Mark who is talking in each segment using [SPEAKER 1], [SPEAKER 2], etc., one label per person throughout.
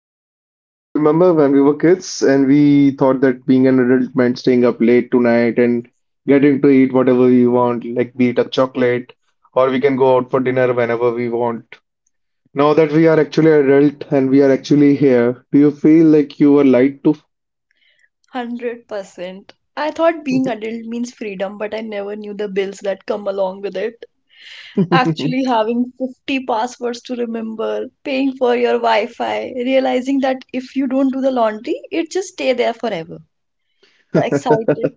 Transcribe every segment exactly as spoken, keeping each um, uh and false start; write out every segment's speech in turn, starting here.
[SPEAKER 1] So Khushbu, remember when we were kids and we thought that being an adult meant staying up late tonight and getting to eat whatever we want, like be it a chocolate or we can go out for dinner whenever we want. Now that we are actually adult and we are actually here, do you feel like you were lied
[SPEAKER 2] one hundred percent. I thought being adult means freedom, but I never knew the bills that come along with it.
[SPEAKER 1] to?
[SPEAKER 2] Actually, having fifty passwords to remember, paying for your Wi Fi, realizing that if you don't do the laundry, it just stay there forever. The excited,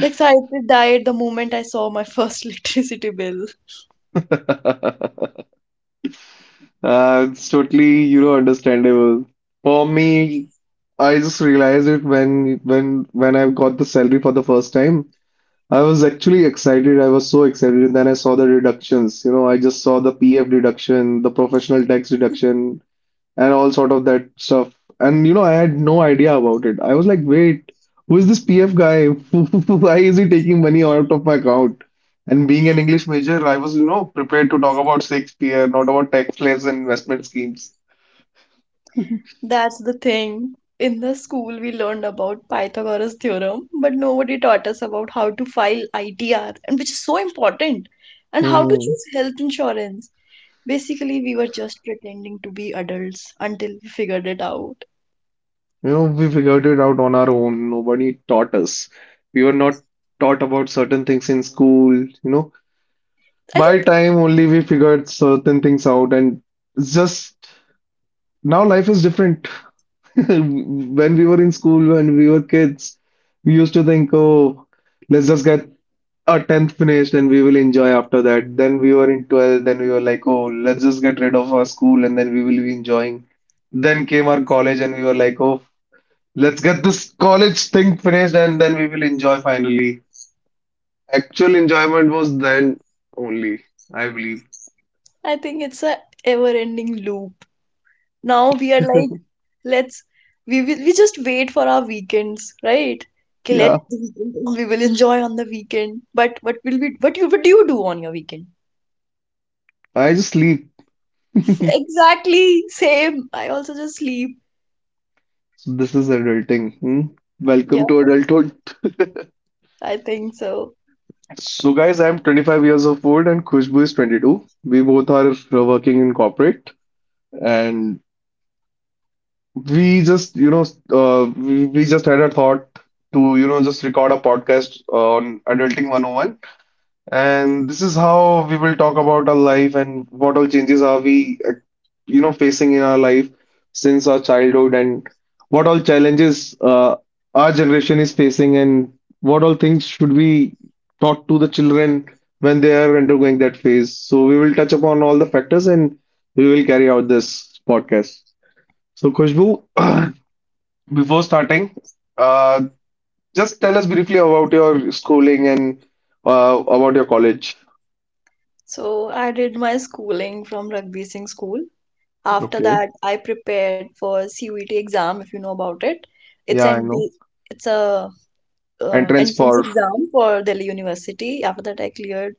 [SPEAKER 2] the excited died the moment I saw my first electricity bill.
[SPEAKER 1] Uh, it's totally, you know, understandable. For me, I just realized it when when when I got the salary for the first time. I was actually excited. I was so excited. And then I saw the reductions. You know, I just saw the P F deduction, the professional tax deduction, and all sort of that stuff. And you know, I had no idea about it. I was like, wait, who is this P F guy? Why is he taking money out of my account? And being an English major, I was, you know, prepared to talk about Shakespeare, not about taxless and investment schemes.
[SPEAKER 2] That's the thing. In the school, we learned about Pythagoras theorem, but nobody taught us about how to file I T R, and which is so important, and how to
[SPEAKER 1] Mhm.
[SPEAKER 2] choose health insurance. Basically, we were just pretending to be adults until we figured it out.
[SPEAKER 1] You know, we figured it out on our own. Nobody taught us. We were not taught about certain things in school, you know.
[SPEAKER 2] I
[SPEAKER 1] By
[SPEAKER 2] think
[SPEAKER 1] time only we figured certain things out and it's just now life is different. When we were in school, when we were kids, we used to think, oh, let's just get our tenth finished and we will enjoy after that. Then we were in twelfth, then we were like, oh, let's just get rid of our school and then we will be enjoying. Then came our college and we were like, oh, let's get this college thing finished and then we will enjoy finally. Actual enjoyment was then only, I believe.
[SPEAKER 2] I think it's a ever-ending loop. Now we are like, let's we will we just wait for our weekends, right? Okay,
[SPEAKER 1] Yeah,
[SPEAKER 2] let the weekend, we will enjoy on the weekend. But what will we what you what do you do on your weekend?
[SPEAKER 1] I just sleep.
[SPEAKER 2] Exactly, same. I also just sleep.
[SPEAKER 1] So this is adulting. Hmm?
[SPEAKER 2] Yeah,
[SPEAKER 1] Welcome to adulthood.
[SPEAKER 2] I think so.
[SPEAKER 1] So, guys, I'm twenty-five years of old and Khushbu is twenty-two. We both are uh, working in corporate, and we just, you know, uh, we we just had a thought to, you know, just record a podcast on Adulting one oh one, and this is how we will talk about our life and what all changes are we, uh, you know, facing in our life since our childhood and what all challenges uh, our generation is facing and what all things should be taught to the children when they are undergoing that phase. So we will touch upon all the factors and we will carry out this podcast. So Khushbu, before starting, uh, just tell us briefly about your schooling and uh, about your college.
[SPEAKER 2] So I did my schooling from Rugby Singh School. After that, I prepared for C U E T exam, if you know about it. It's
[SPEAKER 1] Yeah, I
[SPEAKER 2] an B-
[SPEAKER 1] know.
[SPEAKER 2] it's a uh,
[SPEAKER 1] Entrance
[SPEAKER 2] entrance
[SPEAKER 1] for
[SPEAKER 2] exam for Delhi University. After that, I cleared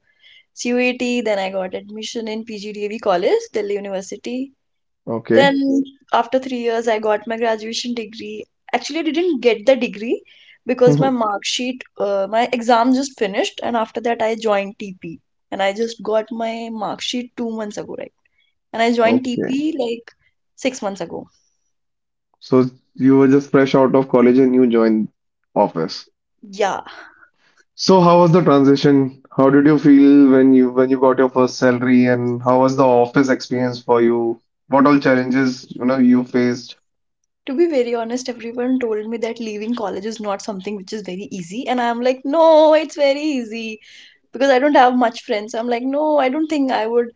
[SPEAKER 2] C U E T. Then I got admission in P G D A V College, Delhi University.
[SPEAKER 1] okay.
[SPEAKER 2] Then after three years, I got my graduation degree. Actually, I didn't get the degree because my mark sheet, uh, my exam just finished, and after that, I joined T P. And I just got my mark sheet two months ago, right? And I joined
[SPEAKER 1] Okay.
[SPEAKER 2] T P like six months ago.
[SPEAKER 1] So you were just fresh out of college and you joined office.
[SPEAKER 2] Yeah.
[SPEAKER 1] So how was the transition? How did you feel when you when you got your first salary and how was the office experience for you? What all challenges, you know, you faced.
[SPEAKER 2] To be very honest, everyone told me that leaving college is not something which is very easy. And I'm like, no, it's very easy because I don't have much friends. I'm like, no, I don't think I would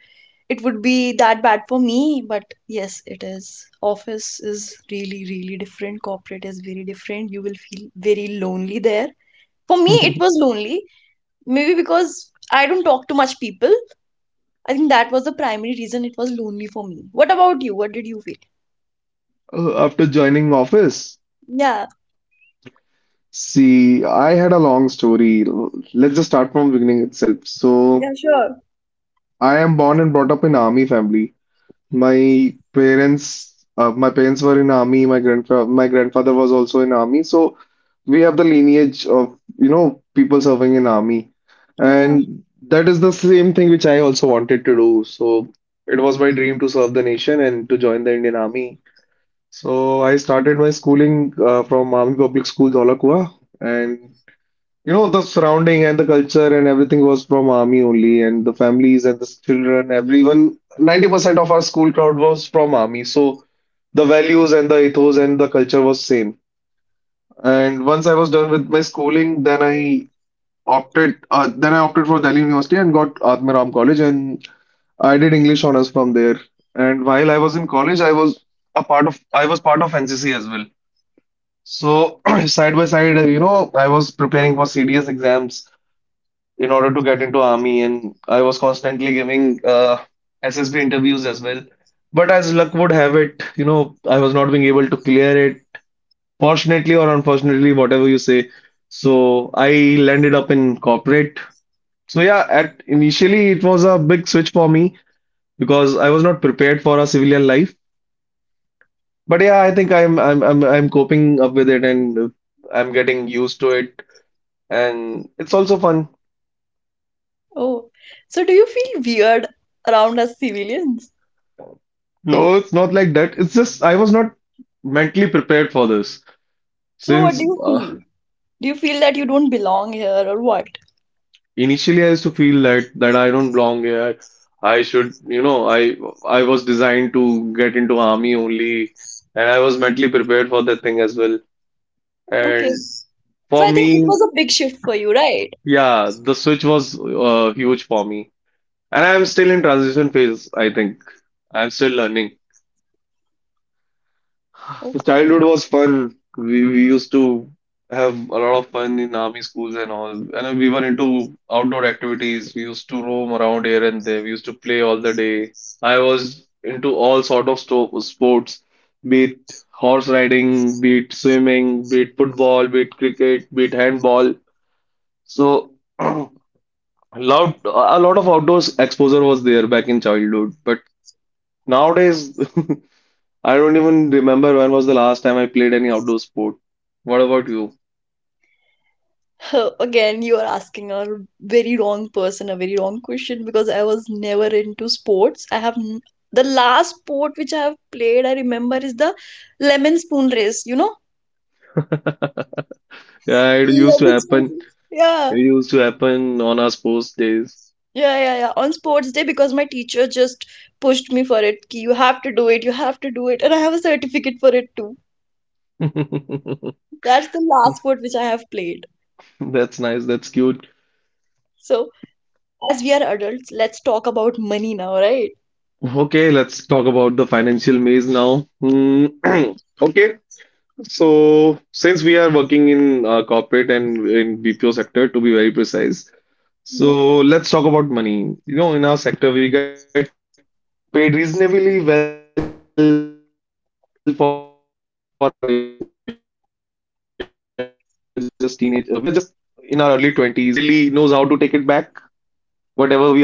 [SPEAKER 2] it would be that bad for me, but yes, it is. Office is really, really different. Corporate is very different. You will feel very lonely there. For me, it was lonely, maybe because I don't talk to much people. I think that was the primary reason it was lonely for me. What about you? What did you feel?
[SPEAKER 1] Uh, after joining office?
[SPEAKER 2] Yeah.
[SPEAKER 1] See, I had a long story. Let's just start from beginning itself. So
[SPEAKER 2] Yeah, sure.
[SPEAKER 1] I am born and brought up in army family. My parents, uh, my parents were in army. My grandfather, my grandfather was also in army. So we have the lineage of, you know, people serving in army.
[SPEAKER 2] Yeah.
[SPEAKER 1] And that is the same thing which I also wanted to do. So it was my dream to serve the nation and to join the Indian Army. So I started my schooling uh, from Army Public School, Dholakua, and you know, the surrounding and the culture and everything was from army only, and the families and the children, everyone, ninety percent of our school crowd was from army. So the values and the ethos and the culture was same. And once I was done with my schooling, then I opted, uh, then I opted for Delhi University and got Atmaram College, and I did English honors from there. And while I was in college, I was a part of, I was part of N C C as well. So side by side, you know, I was preparing for C D S exams in order to get into army and I was constantly giving uh, S S B interviews as well. But as luck would have it, you know, I was not being able to clear it, fortunately or unfortunately, whatever you say. So I landed up in corporate. So yeah, at initially it was a big switch for me because I was not prepared for a civilian life. But yeah, I think I'm I'm I'm I'm coping up with it and I'm getting used to it and it's also fun.
[SPEAKER 2] Oh, so do you feel weird around us civilians?
[SPEAKER 1] No, it's not like that. It's just I was not mentally prepared for this.
[SPEAKER 2] So what do
[SPEAKER 1] Since
[SPEAKER 2] you
[SPEAKER 1] uh,
[SPEAKER 2] feel? Do you feel that you don't belong here, or what?
[SPEAKER 1] Initially I used to feel that that I don't belong here. I should, you know, I I was designed to get into army only, and I was mentally prepared for that thing as well.
[SPEAKER 2] Okay,
[SPEAKER 1] And
[SPEAKER 2] so
[SPEAKER 1] for
[SPEAKER 2] I think it
[SPEAKER 1] me,
[SPEAKER 2] was a big shift for you, right?
[SPEAKER 1] yeah, the switch was uh, huge for me. And I'm still in transition phase, I think. I'm still learning.
[SPEAKER 2] Okay.
[SPEAKER 1] Childhood was fun. We, we used to have a lot of fun in army schools and all. And we were into outdoor activities. We used to roam around here and there. We used to play all the day. I was into all sort of sto sports, be it horse riding, be it swimming, be it football, be it cricket, be it handball. So a lot a lot of outdoors exposure was there back in childhood. But nowadays I don't even remember when was the last time I played any outdoor sport. What about you?
[SPEAKER 2] Again, you are asking a very wrong person a very wrong question because I was never into sports. I have n- the last sport which I have played, I remember, is the lemon spoon race, you know?
[SPEAKER 1] Yeah, it used to
[SPEAKER 2] Lemon spoon
[SPEAKER 1] happen.
[SPEAKER 2] race. Yeah,
[SPEAKER 1] It used to happen on our sports days.
[SPEAKER 2] yeah, yeah, yeah. On sports day, because my teacher just pushed me for it. Ki, you have to do it, you have to do it. And I have a certificate for it too. That's the last sport which I have played.
[SPEAKER 1] That's nice. That's cute.
[SPEAKER 2] So, as we are adults, let's talk about money now, right?
[SPEAKER 1] Okay, let's talk about the financial maze now. Hmm. Okay, so since we are working in uh, corporate and in B P O sector, to be very precise,
[SPEAKER 2] Yeah.
[SPEAKER 1] so let's talk about money. You know, in our sector, we get paid reasonably well for our age. You know, we are just teenage, uh, we are just in our early twenties, not teenagers. Uh, but what do you think? The big city like Delhi knows how to take it back? Whatever we earn,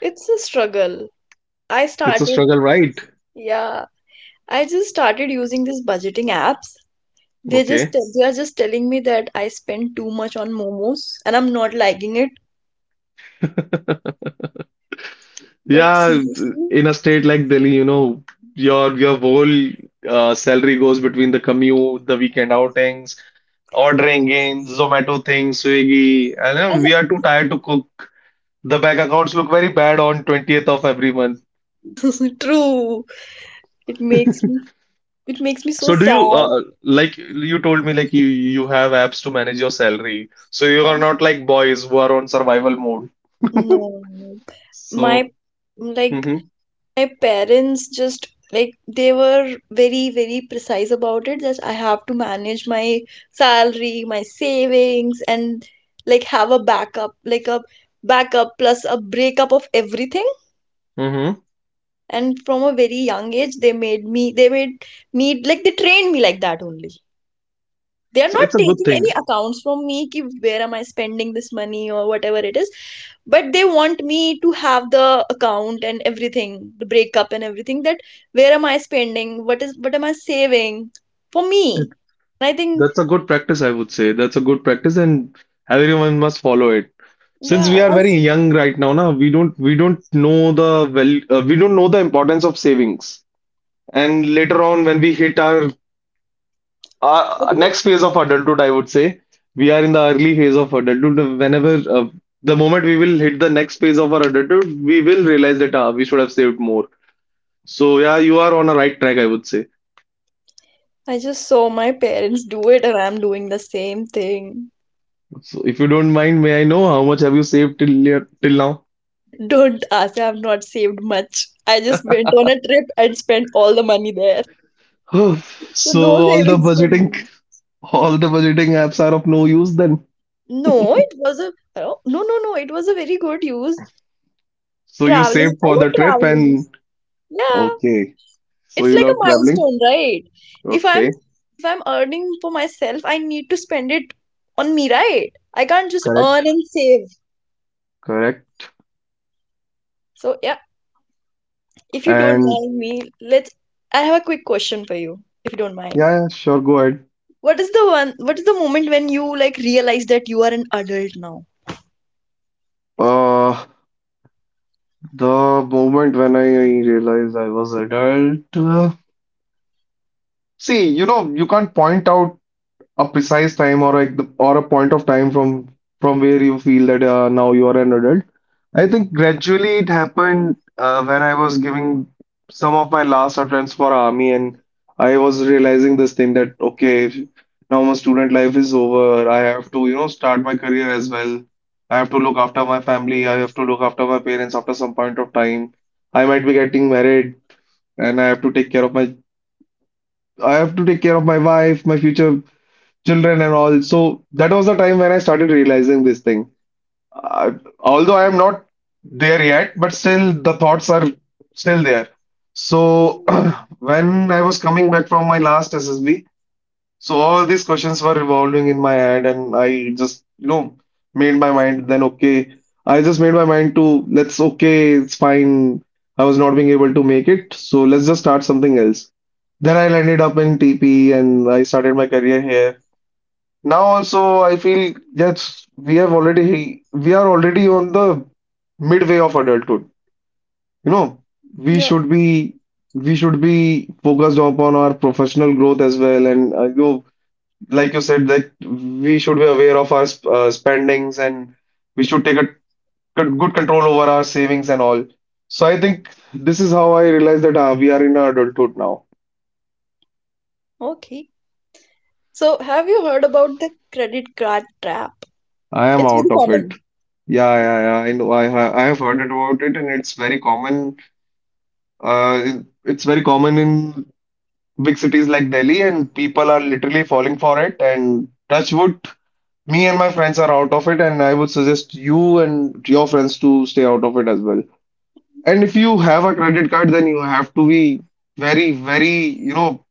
[SPEAKER 2] It's a struggle. I
[SPEAKER 1] it's a
[SPEAKER 2] started,
[SPEAKER 1] struggle, right?
[SPEAKER 2] yeah, I just started using these budgeting apps. They just
[SPEAKER 1] Okay.
[SPEAKER 2] tell- they are just telling me that I spend too much on momos and I'm not liking it. But
[SPEAKER 1] Yeah,
[SPEAKER 2] seriously,
[SPEAKER 1] in a state like Delhi, you know, your your whole uh, salary goes between the commute, the weekend outings, ordering in, Zomato things, Swiggy, and uh,
[SPEAKER 2] as
[SPEAKER 1] we are too tired to cook. The bank accounts look very bad on twentieth of every month.
[SPEAKER 2] a- true, it makes me it makes me so
[SPEAKER 1] So do
[SPEAKER 2] sad.
[SPEAKER 1] you uh, like you told me like you you have apps to manage your salary. So you
[SPEAKER 2] Yeah.
[SPEAKER 1] are not like boys who are on survival mode.
[SPEAKER 2] No, no. my
[SPEAKER 1] So
[SPEAKER 2] like
[SPEAKER 1] mm-hmm,
[SPEAKER 2] my parents just, like, they were very, very precise about it that I have to manage my salary, my savings, and like have a backup, like a backup, plus a breakup of everything.
[SPEAKER 1] mm-hmm.
[SPEAKER 2] And from a very young age, they made me they made me, like they trained me like that only. They are
[SPEAKER 1] So
[SPEAKER 2] not
[SPEAKER 1] it's a good
[SPEAKER 2] taking
[SPEAKER 1] thing.
[SPEAKER 2] any accounts from me, ki where am I spending this money or whatever it is. But they want me to have the account and everything, the breakup and everything, that where am I spending, what is what am i saving for me. And i think
[SPEAKER 1] That's a good practice, I would say. That's a good practice, and everyone must follow it. Since
[SPEAKER 2] yeah
[SPEAKER 1] we are
[SPEAKER 2] I,
[SPEAKER 1] very
[SPEAKER 2] s-
[SPEAKER 1] young right now, na, we don't we don't know the well uh, we don't know the importance of savings. And later on, when we hit our,
[SPEAKER 2] I
[SPEAKER 1] our
[SPEAKER 2] think
[SPEAKER 1] next phase of adulthood, I would say we are in the early phase of adulthood. Whenever uh, the moment we will hit the next phase of our adulthood, we will realize that uh, we should have saved more. So yeah, you are on a right track, I would say.
[SPEAKER 2] I just saw my parents do it and I'm doing the same thing.
[SPEAKER 1] So if you don't mind, may I know how much have you saved till here- till now?
[SPEAKER 2] Don't ask, I've not saved much. I just went on a trip and spent all the money there,
[SPEAKER 1] Oh,
[SPEAKER 2] so
[SPEAKER 1] so
[SPEAKER 2] no
[SPEAKER 1] all the
[SPEAKER 2] savings for me.
[SPEAKER 1] budgeting, all the budgeting apps are of no use then.
[SPEAKER 2] No, it was a oh, no, no, no. It was a very good use.
[SPEAKER 1] So you
[SPEAKER 2] Traveling,
[SPEAKER 1] save
[SPEAKER 2] I
[SPEAKER 1] for
[SPEAKER 2] love
[SPEAKER 1] the trip
[SPEAKER 2] traveling.
[SPEAKER 1] and
[SPEAKER 2] Yeah,
[SPEAKER 1] okay. So
[SPEAKER 2] it's
[SPEAKER 1] you
[SPEAKER 2] like a
[SPEAKER 1] love traveling.
[SPEAKER 2] milestone, right? If I'm
[SPEAKER 1] Okay,
[SPEAKER 2] if I'm earning for myself, I need to spend it on me, right? I can't just
[SPEAKER 1] correct,
[SPEAKER 2] earn and save.
[SPEAKER 1] correct.
[SPEAKER 2] So yeah, if you don't
[SPEAKER 1] And
[SPEAKER 2] mind me, let's. I have a quick question for you, if you don't mind.
[SPEAKER 1] yeah, yeah, sure, go ahead.
[SPEAKER 2] What is the one? What is the moment when you like realize that you are an adult now?
[SPEAKER 1] Uh, the moment when I realized I was adult. Uh, see, you know, you can't point out a precise time or like the, or a point of time from from where you feel that uh, now you are an adult. I think gradually it happened uh, when I was giving some of my last attempts for army, and I was realizing this thing that okay, if- now my student life is over. I have to you know start my career as well. I have to look after my family. I have to look after my parents after some point of time. I might be getting married, and I have to take care of my I have to take care of my wife, my future children and all. So that was the time when I started realizing this thing. Uh, Although I am not there yet, but still the thoughts are still there. So
[SPEAKER 2] Mhm.
[SPEAKER 1] when I was coming back from my last S S B, so all these questions were revolving in my head, and I just, you know, made my mind then okay. I just made my mind to let's okay, it's fine. I was not being able to make it, so let's just start something else. Then I landed up in T P and I started my career here. Now also I feel that we have already we are already on the midway of adulthood. You know, we
[SPEAKER 2] Yeah.
[SPEAKER 1] should be we should be focused upon our professional growth as well, and uh, you know, like you said that we should be aware of our sp- uh, spendings, and we should take a good good control over our savings and all. So I think this is how I realize that uh, we are in our adulthood now.
[SPEAKER 2] Okay. So have you heard about the credit card trap?
[SPEAKER 1] I am
[SPEAKER 2] It's
[SPEAKER 1] out
[SPEAKER 2] very
[SPEAKER 1] of it.
[SPEAKER 2] common.
[SPEAKER 1] Yeah, yeah, yeah. I know. I ha- I have heard about it, and it's very common Uh, it- it's very common in big cities like Delhi, and people are literally falling for it. And touch wood, me and my friends are out of it, and I would suggest you and your friends to stay out of it as well. And if you have a credit card, then you have to be very, very, you know,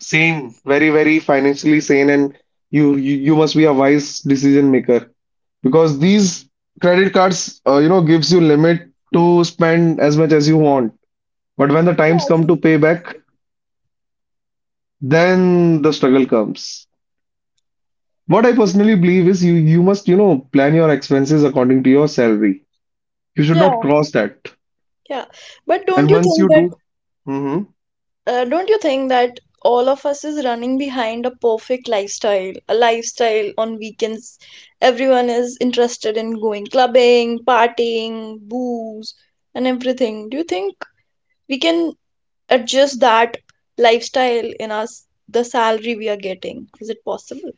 [SPEAKER 1] sane, very, very financially sane, and you you, you must be a wise decision maker, because these credit cards, uh, you know, gives you limit to spend as much as you want. But when the times
[SPEAKER 2] Yeah, I
[SPEAKER 1] come to
[SPEAKER 2] think,
[SPEAKER 1] pay back, then the struggle comes. What I personally believe is you you must, you know, plan your expenses according to your salary. You should
[SPEAKER 2] yeah,
[SPEAKER 1] not cross that.
[SPEAKER 2] yeah. But
[SPEAKER 1] And
[SPEAKER 2] don't you
[SPEAKER 1] once
[SPEAKER 2] think
[SPEAKER 1] you do,
[SPEAKER 2] that
[SPEAKER 1] hmm
[SPEAKER 2] uh, don't you think that all of us is running behind a perfect lifestyle, a lifestyle on weekends. Everyone is interested in going clubbing, partying, booze, and everything. Do you think we can adjust that lifestyle in us the salary we are getting? Is it possible?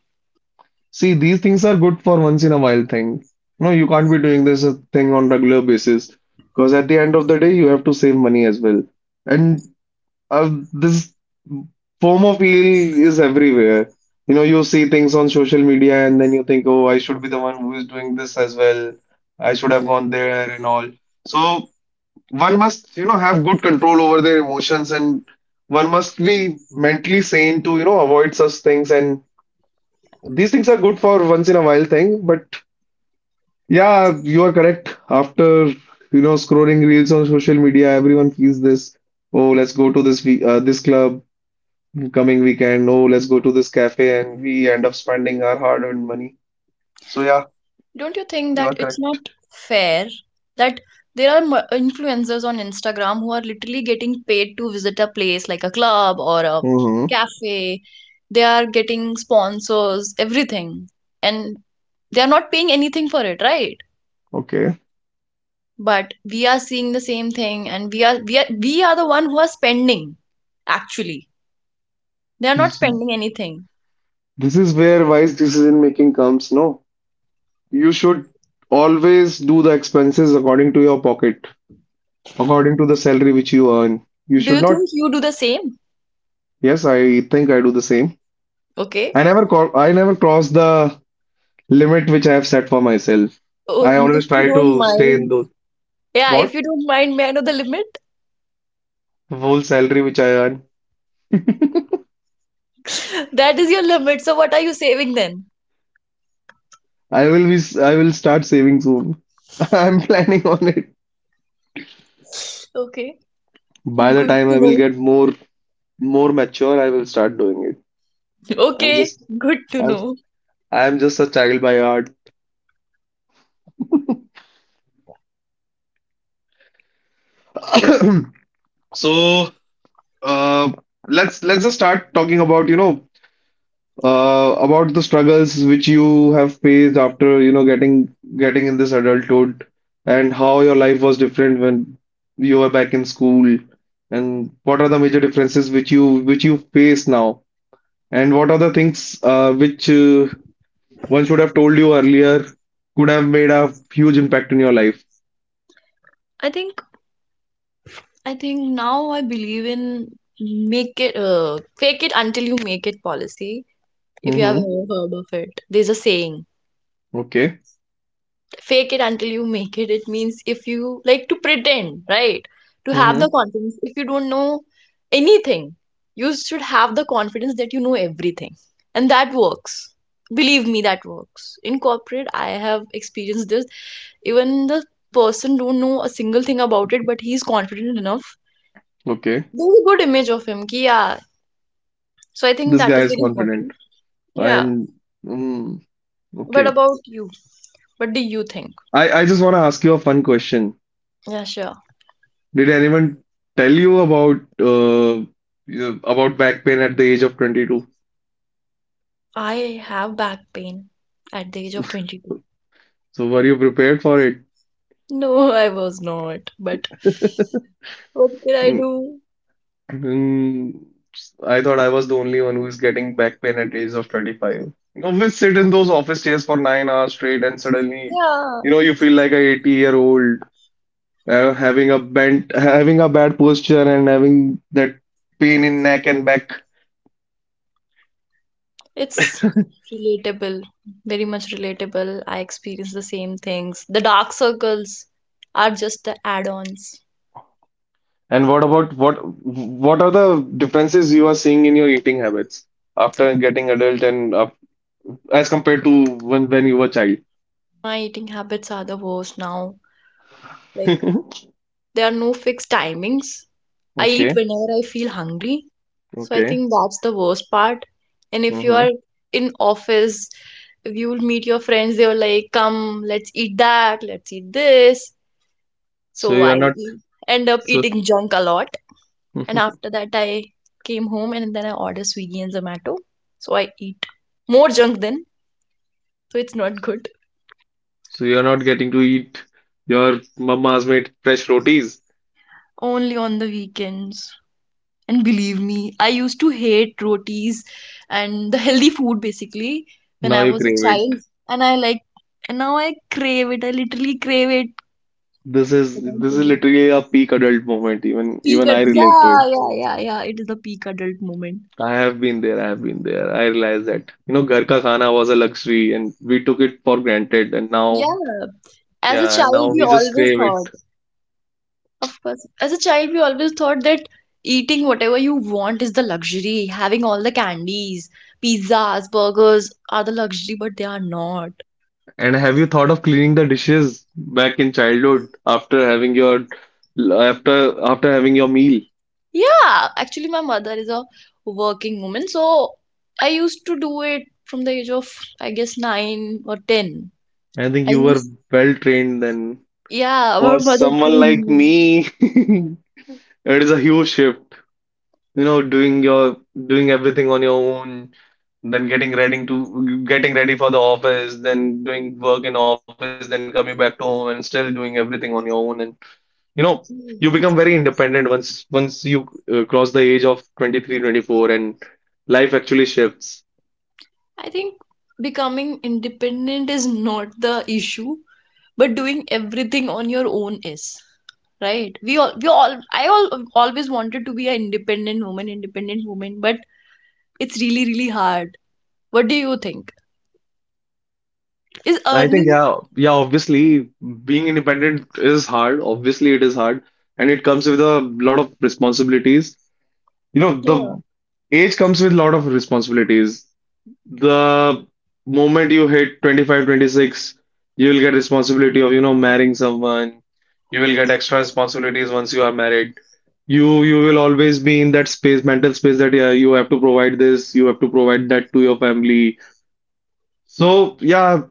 [SPEAKER 1] see, these things are good for once in a while thing. No, you can't be doing this uh, thing on regular basis, because at the end of the day, you have to save money as well. And Uh, this FOMO feel is everywhere. You know, you see things on social media, and then you think, oh, I should be the one who is doing this as well. I should have gone there and all. So one must, you know, have good control over their emotions, and one must be mentally sane to, you know, avoid such things. And these things are good for once in a while thing. But yeah, you are correct. After, you know, scrolling reels on social media, everyone feels this. Oh, let's go to this we- uh, this club coming weekend. No, let's go to this cafe, and we end up spending our hard-earned money. So yeah,
[SPEAKER 2] Don't you think
[SPEAKER 1] you are
[SPEAKER 2] that it's not
[SPEAKER 1] correct.
[SPEAKER 2] fair that there are mu- influencers on Instagram who are literally getting paid to visit a place like a club or a
[SPEAKER 1] Hmm.
[SPEAKER 2] cafe? They are getting sponsors, everything, and they are not paying anything for it, right?
[SPEAKER 1] Okay.
[SPEAKER 2] But we are seeing the same thing, and we are we are we are the one who are spending. Actually, they are not
[SPEAKER 1] This
[SPEAKER 2] spending anything.
[SPEAKER 1] this is where wise decision making comes, no? You should always do the expenses according to your pocket, according to the salary which you earn. You
[SPEAKER 2] Do
[SPEAKER 1] should
[SPEAKER 2] you
[SPEAKER 1] not.
[SPEAKER 2] think you do the same?
[SPEAKER 1] Yes, I think I do the same.
[SPEAKER 2] Okay,
[SPEAKER 1] I never call, I never cross the limit which I have set for myself.
[SPEAKER 2] oh,
[SPEAKER 1] I
[SPEAKER 2] if
[SPEAKER 1] always
[SPEAKER 2] you
[SPEAKER 1] try
[SPEAKER 2] don't
[SPEAKER 1] to stay in
[SPEAKER 2] mind,
[SPEAKER 1] those.
[SPEAKER 2] yeah, if
[SPEAKER 1] What?
[SPEAKER 2] you don't mind, may I know the limit?
[SPEAKER 1] Whole salary which I earn.
[SPEAKER 2] That is your limit. So what are you saving then?
[SPEAKER 1] I will be s- I will start saving soon. I'm planning on it.
[SPEAKER 2] Okay,
[SPEAKER 1] By the
[SPEAKER 2] good
[SPEAKER 1] time
[SPEAKER 2] to
[SPEAKER 1] I will
[SPEAKER 2] know.
[SPEAKER 1] get more more mature, I will start doing it. I'm
[SPEAKER 2] Okay,
[SPEAKER 1] just
[SPEAKER 2] good to
[SPEAKER 1] I'm
[SPEAKER 2] know.
[SPEAKER 1] I'm just a child by heart. So, uh, let's let's just start talking about, you know, uh, about the struggles which you have faced after, you know, getting getting in this adulthood, and how your life was different when you were back in school, and what are the major differences which you which you face now. And what are the things uh, which uh, one should have told you earlier could have made a huge impact in your life?
[SPEAKER 2] I think I think now I believe in make it uh, fake it until you make it policy. If you have
[SPEAKER 1] Mm-hmm.
[SPEAKER 2] ever heard of it, there's a saying.
[SPEAKER 1] Okay.
[SPEAKER 2] Fake it until you make it. It means if you like to pretend, right, to have
[SPEAKER 1] Mm-hmm.
[SPEAKER 2] the confidence. If you don't know anything, you should have the confidence that you know everything, and that works. Believe me, that works in corporate. I have experienced this. Even the person don't know a single thing about it, but he's confident enough.
[SPEAKER 1] Okay.
[SPEAKER 2] There's a good image of him, ki, yeah. So I think
[SPEAKER 1] This
[SPEAKER 2] that
[SPEAKER 1] guy
[SPEAKER 2] is
[SPEAKER 1] is
[SPEAKER 2] very
[SPEAKER 1] confident.
[SPEAKER 2] important. Yeah.
[SPEAKER 1] And mm,
[SPEAKER 2] But
[SPEAKER 1] okay.
[SPEAKER 2] about you, what do you think?
[SPEAKER 1] I, I just want to ask you a fun question.
[SPEAKER 2] Yeah, sure.
[SPEAKER 1] Did anyone tell you about uh, you know, about back pain at the age of twenty-two?
[SPEAKER 2] I have back pain at the age of twenty-two.
[SPEAKER 1] So were you prepared for it?
[SPEAKER 2] No, I was not, but what did I
[SPEAKER 1] Mm,
[SPEAKER 2] do?
[SPEAKER 1] Mm, I thought I was the only one who is getting back pain at age of twenty-five. You know, we sit in those office chairs for nine hours straight, and suddenly,
[SPEAKER 2] Yeah,
[SPEAKER 1] you know, you feel like a eighty year old uh, having a bent, having a bad posture, and having that pain in neck and back.
[SPEAKER 2] it's relatable, very much relatable. I experience the same things. The dark circles are just the add-ons.
[SPEAKER 1] And what about what what are the differences you are seeing in your eating habits after getting adult, and uh, as compared to when when you were child?
[SPEAKER 2] My eating habits are the worst now. Like, there are no fixed timings. I eat
[SPEAKER 1] Okay,
[SPEAKER 2] whenever I feel hungry. So I
[SPEAKER 1] okay.
[SPEAKER 2] think that's the worst part. And if you are
[SPEAKER 1] hmm
[SPEAKER 2] in office, if you will meet your friends, they were like, "Come, let's eat that, let's eat this."
[SPEAKER 1] So
[SPEAKER 2] So
[SPEAKER 1] you are
[SPEAKER 2] I
[SPEAKER 1] not
[SPEAKER 2] e- end up
[SPEAKER 1] so.
[SPEAKER 2] eating junk a lot, and after that, I came home and then I order Swiggy and Zomato. So I eat more junk then, so it's not good.
[SPEAKER 1] So you're not getting to eat your mama's made fresh rotis.
[SPEAKER 2] Only on the weekends. And believe me, I used to hate rotis and the healthy food basically when
[SPEAKER 1] Now
[SPEAKER 2] I
[SPEAKER 1] you
[SPEAKER 2] was a
[SPEAKER 1] crave it.
[SPEAKER 2] child. And I like, and now I crave it. I literally crave it.
[SPEAKER 1] This is
[SPEAKER 2] I can't
[SPEAKER 1] this
[SPEAKER 2] tell
[SPEAKER 1] is
[SPEAKER 2] you.
[SPEAKER 1] literally a peak adult moment. Even
[SPEAKER 2] Peak,
[SPEAKER 1] even I
[SPEAKER 2] ad-
[SPEAKER 1] relate to
[SPEAKER 2] yeah,
[SPEAKER 1] it.
[SPEAKER 2] yeah, yeah, yeah. It is the peak adult moment.
[SPEAKER 1] I have been there. I have been there. I realized that you know, ghar ka khana was a luxury, and we took it for granted. And now,
[SPEAKER 2] Yeah. As a
[SPEAKER 1] yeah, and
[SPEAKER 2] child,
[SPEAKER 1] now
[SPEAKER 2] we
[SPEAKER 1] we just
[SPEAKER 2] always
[SPEAKER 1] crave it.
[SPEAKER 2] thought, Of course, as a child, we always thought that eating whatever you want is the luxury. Having all the candies, pizzas, burgers are the luxury, but they are not.
[SPEAKER 1] And have you thought of cleaning the dishes back in childhood after having your after after having your meal?
[SPEAKER 2] Yeah, actually, my mother is a working woman, so I used to do it from the age of, I guess, nine or ten.
[SPEAKER 1] I think
[SPEAKER 2] I
[SPEAKER 1] you were
[SPEAKER 2] used,
[SPEAKER 1] well trained then.
[SPEAKER 2] yeah, my
[SPEAKER 1] For
[SPEAKER 2] mother
[SPEAKER 1] someone like
[SPEAKER 2] trained
[SPEAKER 1] me, it is a huge shift, you know, doing your doing everything on your own, then getting ready to getting ready for the office, then doing work in office, then coming back to home and still doing everything on your own. And you know, you become very
[SPEAKER 2] me.
[SPEAKER 1] independent once once you uh, cross the age of twenty three, twenty four, and life actually shifts.
[SPEAKER 2] I think becoming independent is not the issue, but doing everything on your own is, right? We all, we all, I all always wanted to be an independent woman, independent woman, but it's really, really hard. What do you think? Is
[SPEAKER 1] I think,
[SPEAKER 2] earning?
[SPEAKER 1] yeah, yeah, obviously being independent is hard. Obviously it is hard, and it comes with a lot of responsibilities You know,
[SPEAKER 2] Yeah.
[SPEAKER 1] the age comes with a lot of responsibilities. The moment you hit twenty five, twenty six, you will get responsibility of, you know, marrying someone. You will get extra responsibilities once you are married. You you will always be in that space, mental space that yeah, you have to provide this, you have to provide that to your family. So yeah,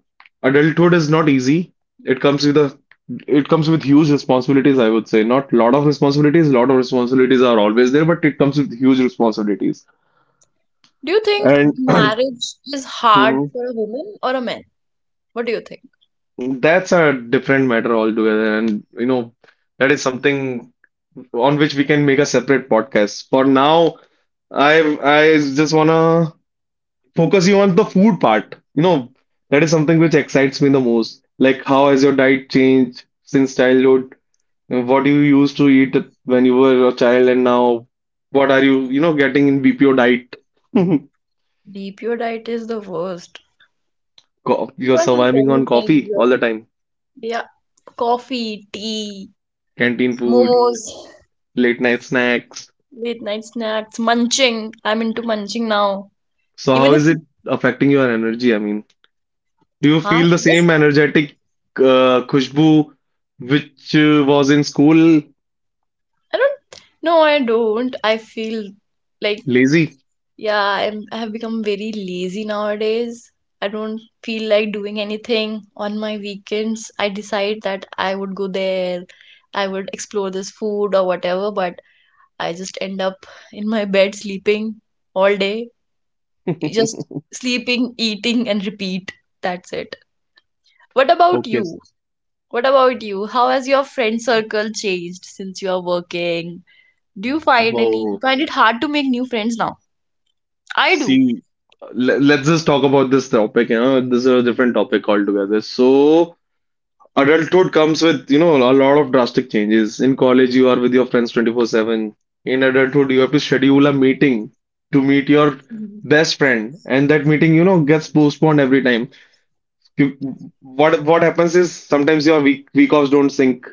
[SPEAKER 1] adulthood is not easy. It comes with a it comes with huge responsibilities, I would say. Not lot of responsibilities, lot of responsibilities are always there, but it comes with huge responsibilities.
[SPEAKER 2] Do you think
[SPEAKER 1] And
[SPEAKER 2] marriage is hard
[SPEAKER 1] mhm,
[SPEAKER 2] for a woman or a man? What do you think?
[SPEAKER 1] that's a different matter altogether. And you know, that is something on which we can make a separate podcast. For now, I I just wanna focus you on the food part. You know, that is something which excites me the most. Like, how has your diet changed since childhood? What you used to eat when you were a child, and now what are you, you know, getting in B P O diet?
[SPEAKER 2] Deep, your diet is the worst.
[SPEAKER 1] Co-
[SPEAKER 2] You
[SPEAKER 1] You're
[SPEAKER 2] can't eat
[SPEAKER 1] surviving on
[SPEAKER 2] anything.
[SPEAKER 1] coffee
[SPEAKER 2] You're,
[SPEAKER 1] all the time,
[SPEAKER 2] yeah, coffee, tea,
[SPEAKER 1] canteen food,
[SPEAKER 2] momos,
[SPEAKER 1] late night snacks.
[SPEAKER 2] late night snacks, munching. I'm into munching now.
[SPEAKER 1] So how
[SPEAKER 2] Even if,
[SPEAKER 1] is it affecting your energy? I mean, do you
[SPEAKER 2] huh?
[SPEAKER 1] feel the
[SPEAKER 2] Yes,
[SPEAKER 1] same energetic, uh, Khushbu, which uh, was in school,
[SPEAKER 2] I don't. No, I don't. I feel like.
[SPEAKER 1] lazy?
[SPEAKER 2] Yeah, I'm, I have become very lazy nowadays. I don't feel like doing anything on my weekends. I decide that I would go there, I would explore this food or whatever, but I just end up in my bed sleeping all day. Just sleeping, eating, and repeat. That's it. What about
[SPEAKER 1] Okay. s-
[SPEAKER 2] you? What about you? How has your friend circle changed since you are working? Do you find any
[SPEAKER 1] Wow.
[SPEAKER 2] find it hard to make new friends now? I do.
[SPEAKER 1] See, Le- Let's just talk about this topic. You know, this is a different topic altogether. So, adulthood comes with, you know, a lot of drastic changes. In college, you are with your friends twenty-four seven. In adulthood, you have to schedule a meeting to meet your
[SPEAKER 2] Mhm.
[SPEAKER 1] best friend, and that meeting, you know, gets postponed every time. You, what what happens is sometimes your week week offs don't sync.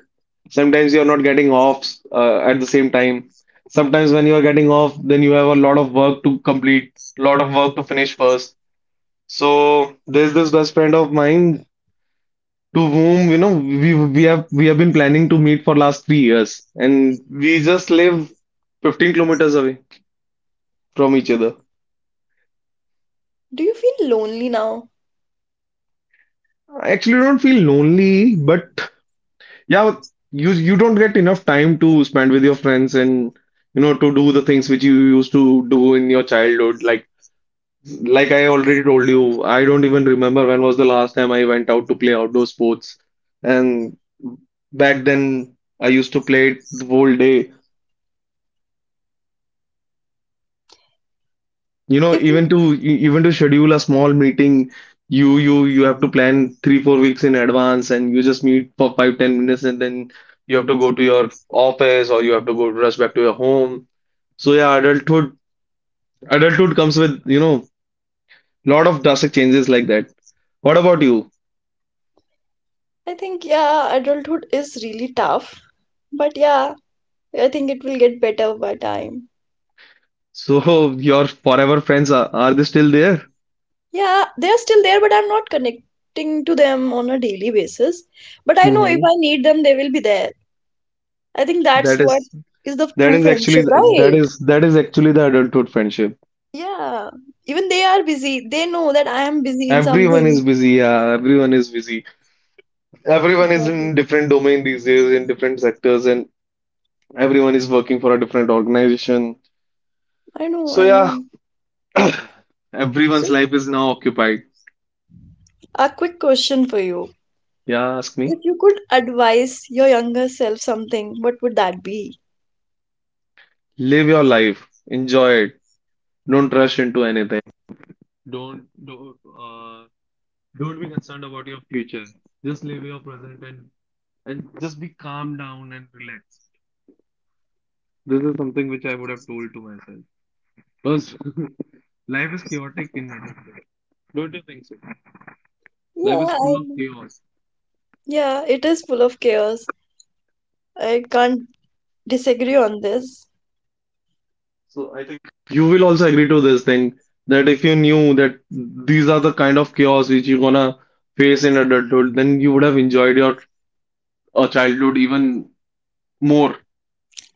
[SPEAKER 1] Sometimes you're not getting offs, uh, at the same time. Sometimes when you're getting off, then you have a lot of work to complete, lot of work to finish first. So there's this best friend of mine to whom you know we we have we have been planning to meet for last three years, and we just live fifteen kilometers away from each other.
[SPEAKER 2] Do you feel lonely now?
[SPEAKER 1] I actually don't feel lonely, but yeah, you you don't get enough time to spend with your friends, and you know to do the things which you used to do in your childhood. Like like I already told you, I don't even remember when was the last time I went out to play outdoor sports, and back then I used to play it the whole day You know,
[SPEAKER 2] If
[SPEAKER 1] even to e- even to schedule a small meeting, you you you have to plan three, four weeks in advance, and you just meet for five, ten minutes, and then you have to go to your office or you have to go rush back to your home. So yeah, adulthood adulthood comes with, you know, lot of drastic changes like that. What about you?
[SPEAKER 2] I think, yeah, adulthood is really tough, but yeah, I think it will get better by time.
[SPEAKER 1] So your forever friends are, are they still there?
[SPEAKER 2] Yeah, they are still there, but I'm not connecting to them on a daily basis. But I know if
[SPEAKER 1] Mm-hmm.
[SPEAKER 2] I need them, they will be there. I think that's
[SPEAKER 1] That
[SPEAKER 2] what
[SPEAKER 1] is
[SPEAKER 2] is the
[SPEAKER 1] that
[SPEAKER 2] true
[SPEAKER 1] is actually
[SPEAKER 2] friendship,
[SPEAKER 1] that
[SPEAKER 2] right?
[SPEAKER 1] is that is actually the adulthood friendship.
[SPEAKER 2] Yeah, even they are busy. They know that I am busy in
[SPEAKER 1] Everyone is
[SPEAKER 2] something.
[SPEAKER 1] busy, yeah. Everyone is busy. Everyone is
[SPEAKER 2] Exactly.
[SPEAKER 1] in different domain these days, in different sectors, and everyone is working for a different organization.
[SPEAKER 2] I know,
[SPEAKER 1] So
[SPEAKER 2] I
[SPEAKER 1] yeah,
[SPEAKER 2] know.
[SPEAKER 1] everyone's
[SPEAKER 2] So,
[SPEAKER 1] life is now occupied.
[SPEAKER 2] a quick question for you.
[SPEAKER 1] Yeah, ask me.
[SPEAKER 2] If you could advise your younger self something, what would that be?
[SPEAKER 1] Live your life. Enjoy it. Don't rush into anything. Don't don't uh don't be concerned about your future. Just live your present, and and just be calm down and relax. This is something which I would have told to myself. Because life is chaotic in nature. Don't you think so? Life
[SPEAKER 2] Yeah,
[SPEAKER 1] is full
[SPEAKER 2] I.
[SPEAKER 1] of chaos.
[SPEAKER 2] Yeah, it is full of chaos. I can't disagree on this.
[SPEAKER 1] So I think you will also agree to this thing that if you knew that these are the kind of chaos which you're gonna face in adulthood, then you would have enjoyed your uh, childhood even more,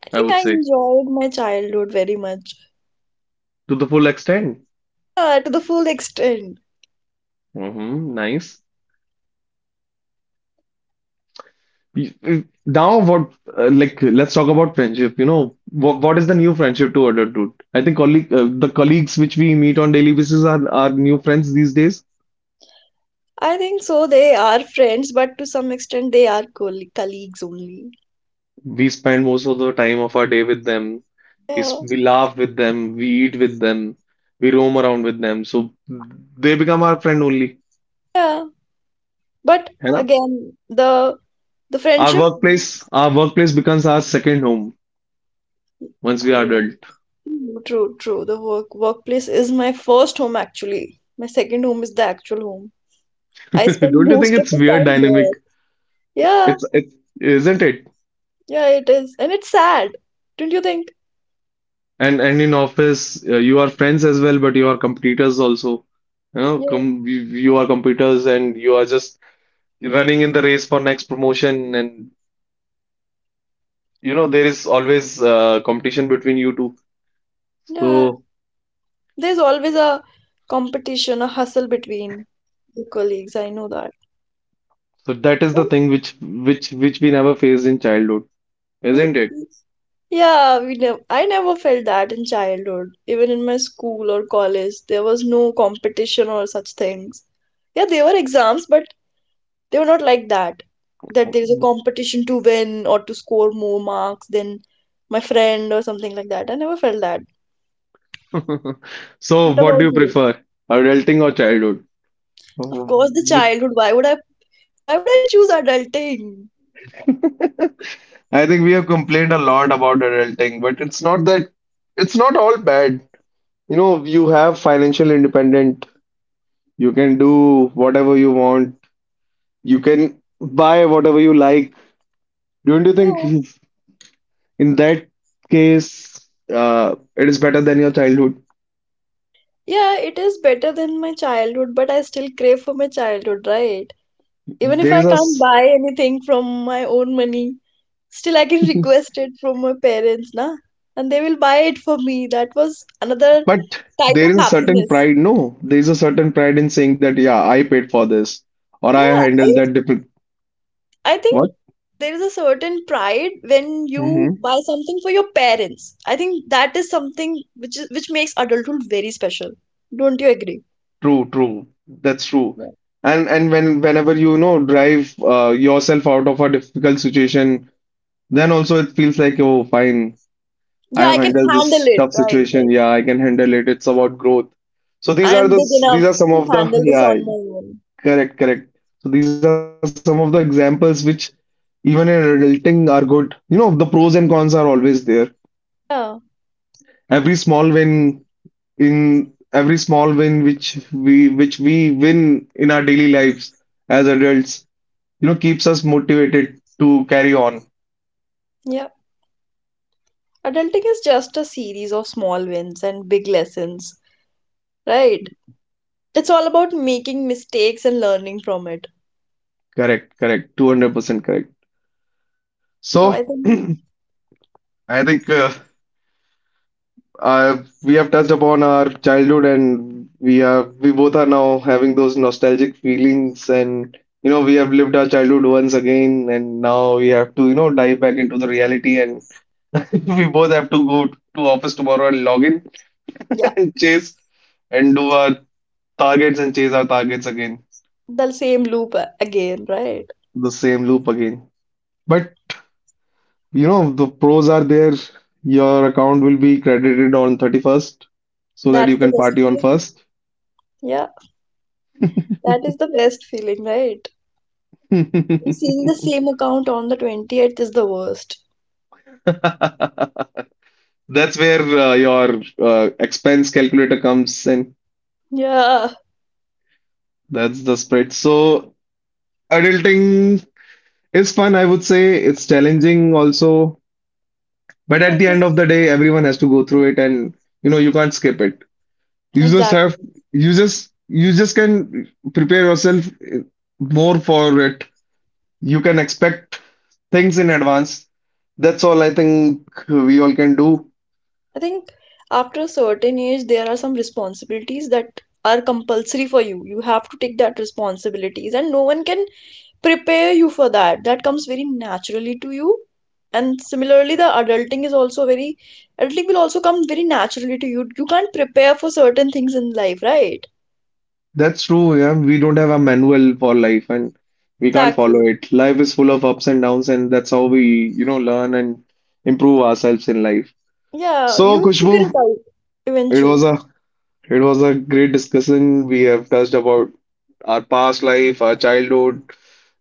[SPEAKER 2] I
[SPEAKER 1] I
[SPEAKER 2] think
[SPEAKER 1] would
[SPEAKER 2] I
[SPEAKER 1] say,
[SPEAKER 2] enjoyed my childhood very much.
[SPEAKER 1] to the full extent.
[SPEAKER 2] Uh, to the full extent.
[SPEAKER 1] Hmm, nice. Y- y- Now, what uh, like let's talk about friendship. You know, what what is the new friendship to adulthood? I think colleague uh, the colleagues which we meet on daily basis are are new friends these days.
[SPEAKER 2] I think so. They are friends, but to some extent, they are coll- colleagues only.
[SPEAKER 1] We spend most of the time of our day with them. We, s-
[SPEAKER 2] Yeah,
[SPEAKER 1] we laugh with them. We eat with them. We roam around with them. So they become our friend only.
[SPEAKER 2] yeah. But
[SPEAKER 1] है ना?
[SPEAKER 2] again, the the
[SPEAKER 1] Our
[SPEAKER 2] friendship.
[SPEAKER 1] workplace, our workplace becomes our second home once we are
[SPEAKER 2] Yeah.
[SPEAKER 1] adult.
[SPEAKER 2] True, true, true. The work workplace is my first home actually. My second home is the actual home. I spend
[SPEAKER 1] Don't you think
[SPEAKER 2] most of
[SPEAKER 1] it's
[SPEAKER 2] the
[SPEAKER 1] weird
[SPEAKER 2] time
[SPEAKER 1] dynamic?
[SPEAKER 2] there. Yeah.
[SPEAKER 1] It's it's isn't it?
[SPEAKER 2] Yeah, it is. And it's sad, don't you think?
[SPEAKER 1] And and in office, uh, you are friends as well, but you are competitors also. You know,
[SPEAKER 2] Yeah.
[SPEAKER 1] com you, you are competitors and you are just running in the race for next promotion, and you know there is always uh, competition between you two.
[SPEAKER 2] Yeah.
[SPEAKER 1] so
[SPEAKER 2] There's always a competition, a hustle between the colleagues. I know that.
[SPEAKER 1] so that is the
[SPEAKER 2] Well,
[SPEAKER 1] thing which which which we never faced in childhood,
[SPEAKER 2] y-
[SPEAKER 1] isn't it?
[SPEAKER 2] y- yeah, we never, I never felt that in childhood. Even in my school or college, there was no competition or such things. Yeah, there were exams, but they were not like that. That there's a competition to win or to score more marks than my friend or something like that. I never felt that.
[SPEAKER 1] So
[SPEAKER 2] What
[SPEAKER 1] what do
[SPEAKER 2] about
[SPEAKER 1] you
[SPEAKER 2] you?
[SPEAKER 1] prefer, adulting or childhood?
[SPEAKER 2] Of course, the
[SPEAKER 1] Which-
[SPEAKER 2] childhood. Why would I Why would I choose adulting?
[SPEAKER 1] I think we have complained a lot about adulting, but it's not that it's not all bad. You know, you have financial independent, you can do whatever you want, you can buy whatever you like, don't you
[SPEAKER 2] Yeah.
[SPEAKER 1] think? In that case, uh, it is better than your childhood.
[SPEAKER 2] Yeah, it is better than my childhood, but I still crave for my childhood, right? Even if
[SPEAKER 1] There
[SPEAKER 2] I
[SPEAKER 1] is a,
[SPEAKER 2] can't
[SPEAKER 1] s-
[SPEAKER 2] buy anything from my own money, still I can request it from my parents, na? And they will buy it for me. That was another
[SPEAKER 1] But
[SPEAKER 2] type
[SPEAKER 1] there
[SPEAKER 2] of
[SPEAKER 1] is a certain
[SPEAKER 2] happiness.
[SPEAKER 1] pride. No, there is a certain pride in saying that, yeah, I paid for this or I
[SPEAKER 2] Yeah,
[SPEAKER 1] handled
[SPEAKER 2] I
[SPEAKER 1] that. Dip
[SPEAKER 2] I think
[SPEAKER 1] what?
[SPEAKER 2] there is a certain pride when you
[SPEAKER 1] Hmm.
[SPEAKER 2] buy something for your parents. I think that is something which is, which makes adulthood very special. Don't you agree?
[SPEAKER 1] True, true. That's true. And and when whenever you, you know, drive uh, yourself out of a difficult situation, then also it feels like, oh, fine, I
[SPEAKER 2] Yeah, I
[SPEAKER 1] have
[SPEAKER 2] can
[SPEAKER 1] handled
[SPEAKER 2] handle
[SPEAKER 1] this
[SPEAKER 2] it.
[SPEAKER 1] tough
[SPEAKER 2] Right,
[SPEAKER 1] situation.
[SPEAKER 2] right.
[SPEAKER 1] Yeah, I can handle it. It's about growth. So these
[SPEAKER 2] I
[SPEAKER 1] are
[SPEAKER 2] am
[SPEAKER 1] the
[SPEAKER 2] big
[SPEAKER 1] s- these
[SPEAKER 2] enough
[SPEAKER 1] are some
[SPEAKER 2] to
[SPEAKER 1] of the,
[SPEAKER 2] handle this
[SPEAKER 1] yeah.
[SPEAKER 2] on my own.
[SPEAKER 1] Correct, correct. So these are some of the examples which even in adulting are good. You know, the pros and cons are always there.
[SPEAKER 2] Yeah,
[SPEAKER 1] Every small win in every small win which we which we win in our daily lives as adults, you know, keeps us motivated to carry on.
[SPEAKER 2] yeah. Adulting is just a series of small wins and big lessons, right? It's all about making mistakes and learning from it.
[SPEAKER 1] Correct, correct. two hundred percent correct. So
[SPEAKER 2] So I think,
[SPEAKER 1] I think uh, Uh, we have touched upon our childhood, and we are we both are now having those nostalgic feelings, and you know we have lived our childhood once again, and now we have to, you know, dive back into the reality, and we both have to go to office tomorrow and log in
[SPEAKER 2] yeah,
[SPEAKER 1] and chase and do our targets and chase our targets again,
[SPEAKER 2] the same loop a- again, right?
[SPEAKER 1] the same loop again. But you know the pros are there. Your account will be credited on thirty-first, so that
[SPEAKER 2] That's
[SPEAKER 1] you
[SPEAKER 2] the
[SPEAKER 1] can
[SPEAKER 2] best
[SPEAKER 1] party on
[SPEAKER 2] feeling.
[SPEAKER 1] first.
[SPEAKER 2] Yeah, that is the best feeling, right? And seeing the same account on the twentieth is the worst.
[SPEAKER 1] That's where uh, your uh, expense calculator comes in.
[SPEAKER 2] Yeah,
[SPEAKER 1] That's the spread. So adulting is fun, I would say. It's challenging also, but
[SPEAKER 2] yeah,
[SPEAKER 1] at
[SPEAKER 2] it
[SPEAKER 1] the
[SPEAKER 2] is
[SPEAKER 1] end of the day, everyone has to go through it, and you know you can't skip it. You just
[SPEAKER 2] exactly.
[SPEAKER 1] have you just you just can prepare yourself uh, more for it. You can expect things in advance. That's all I think we all can do.
[SPEAKER 2] I think after a certain age, there are some responsibilities that are compulsory for you. You have to take that responsibilities, and no one can prepare you for that. That comes very naturally to you. And similarly, the adulting is also very, adulting will also come very naturally to you. You can't prepare for certain things in life, right?
[SPEAKER 1] That's true. Yeah, we don't have a manual for life and we can't follow
[SPEAKER 2] Exactly.
[SPEAKER 1] it. Life is full of ups and downs, and that's how we, you know, learn and improve ourselves in life.
[SPEAKER 2] Yeah,
[SPEAKER 1] So,
[SPEAKER 2] you'll figure it
[SPEAKER 1] Kushbu,
[SPEAKER 2] out
[SPEAKER 1] it was
[SPEAKER 2] eventually.
[SPEAKER 1] a it was a great discussion. We have touched about our past life, our childhood,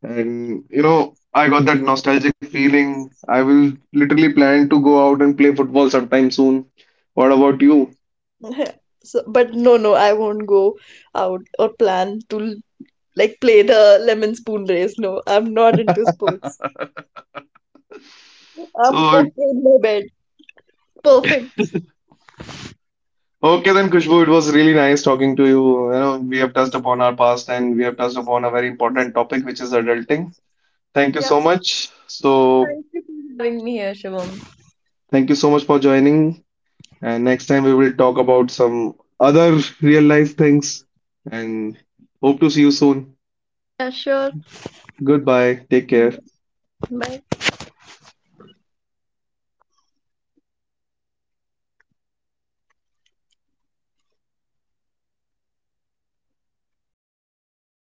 [SPEAKER 1] and you know, I got that nostalgic feeling. I will literally plan to go out and play football sometime soon. What about you?
[SPEAKER 2] So, but no, no, I won't go out or plan to like play the lemon spoon race. No, I'm not into sports. I'm
[SPEAKER 1] So
[SPEAKER 2] okay in my bed. Perfect.
[SPEAKER 1] okay then, Kushbu, it was really nice talking to you. You know, we have touched upon our past and we have touched upon a very important topic, which is adulting. Thank you
[SPEAKER 2] Yeah.
[SPEAKER 1] so much. So,
[SPEAKER 2] Thank you for having me here, Shivam.
[SPEAKER 1] thank you so much for joining. And next time we will talk about some other real life things. And hope to see you soon.
[SPEAKER 2] Yeah, sure.
[SPEAKER 1] Goodbye. Take care.
[SPEAKER 2] Bye.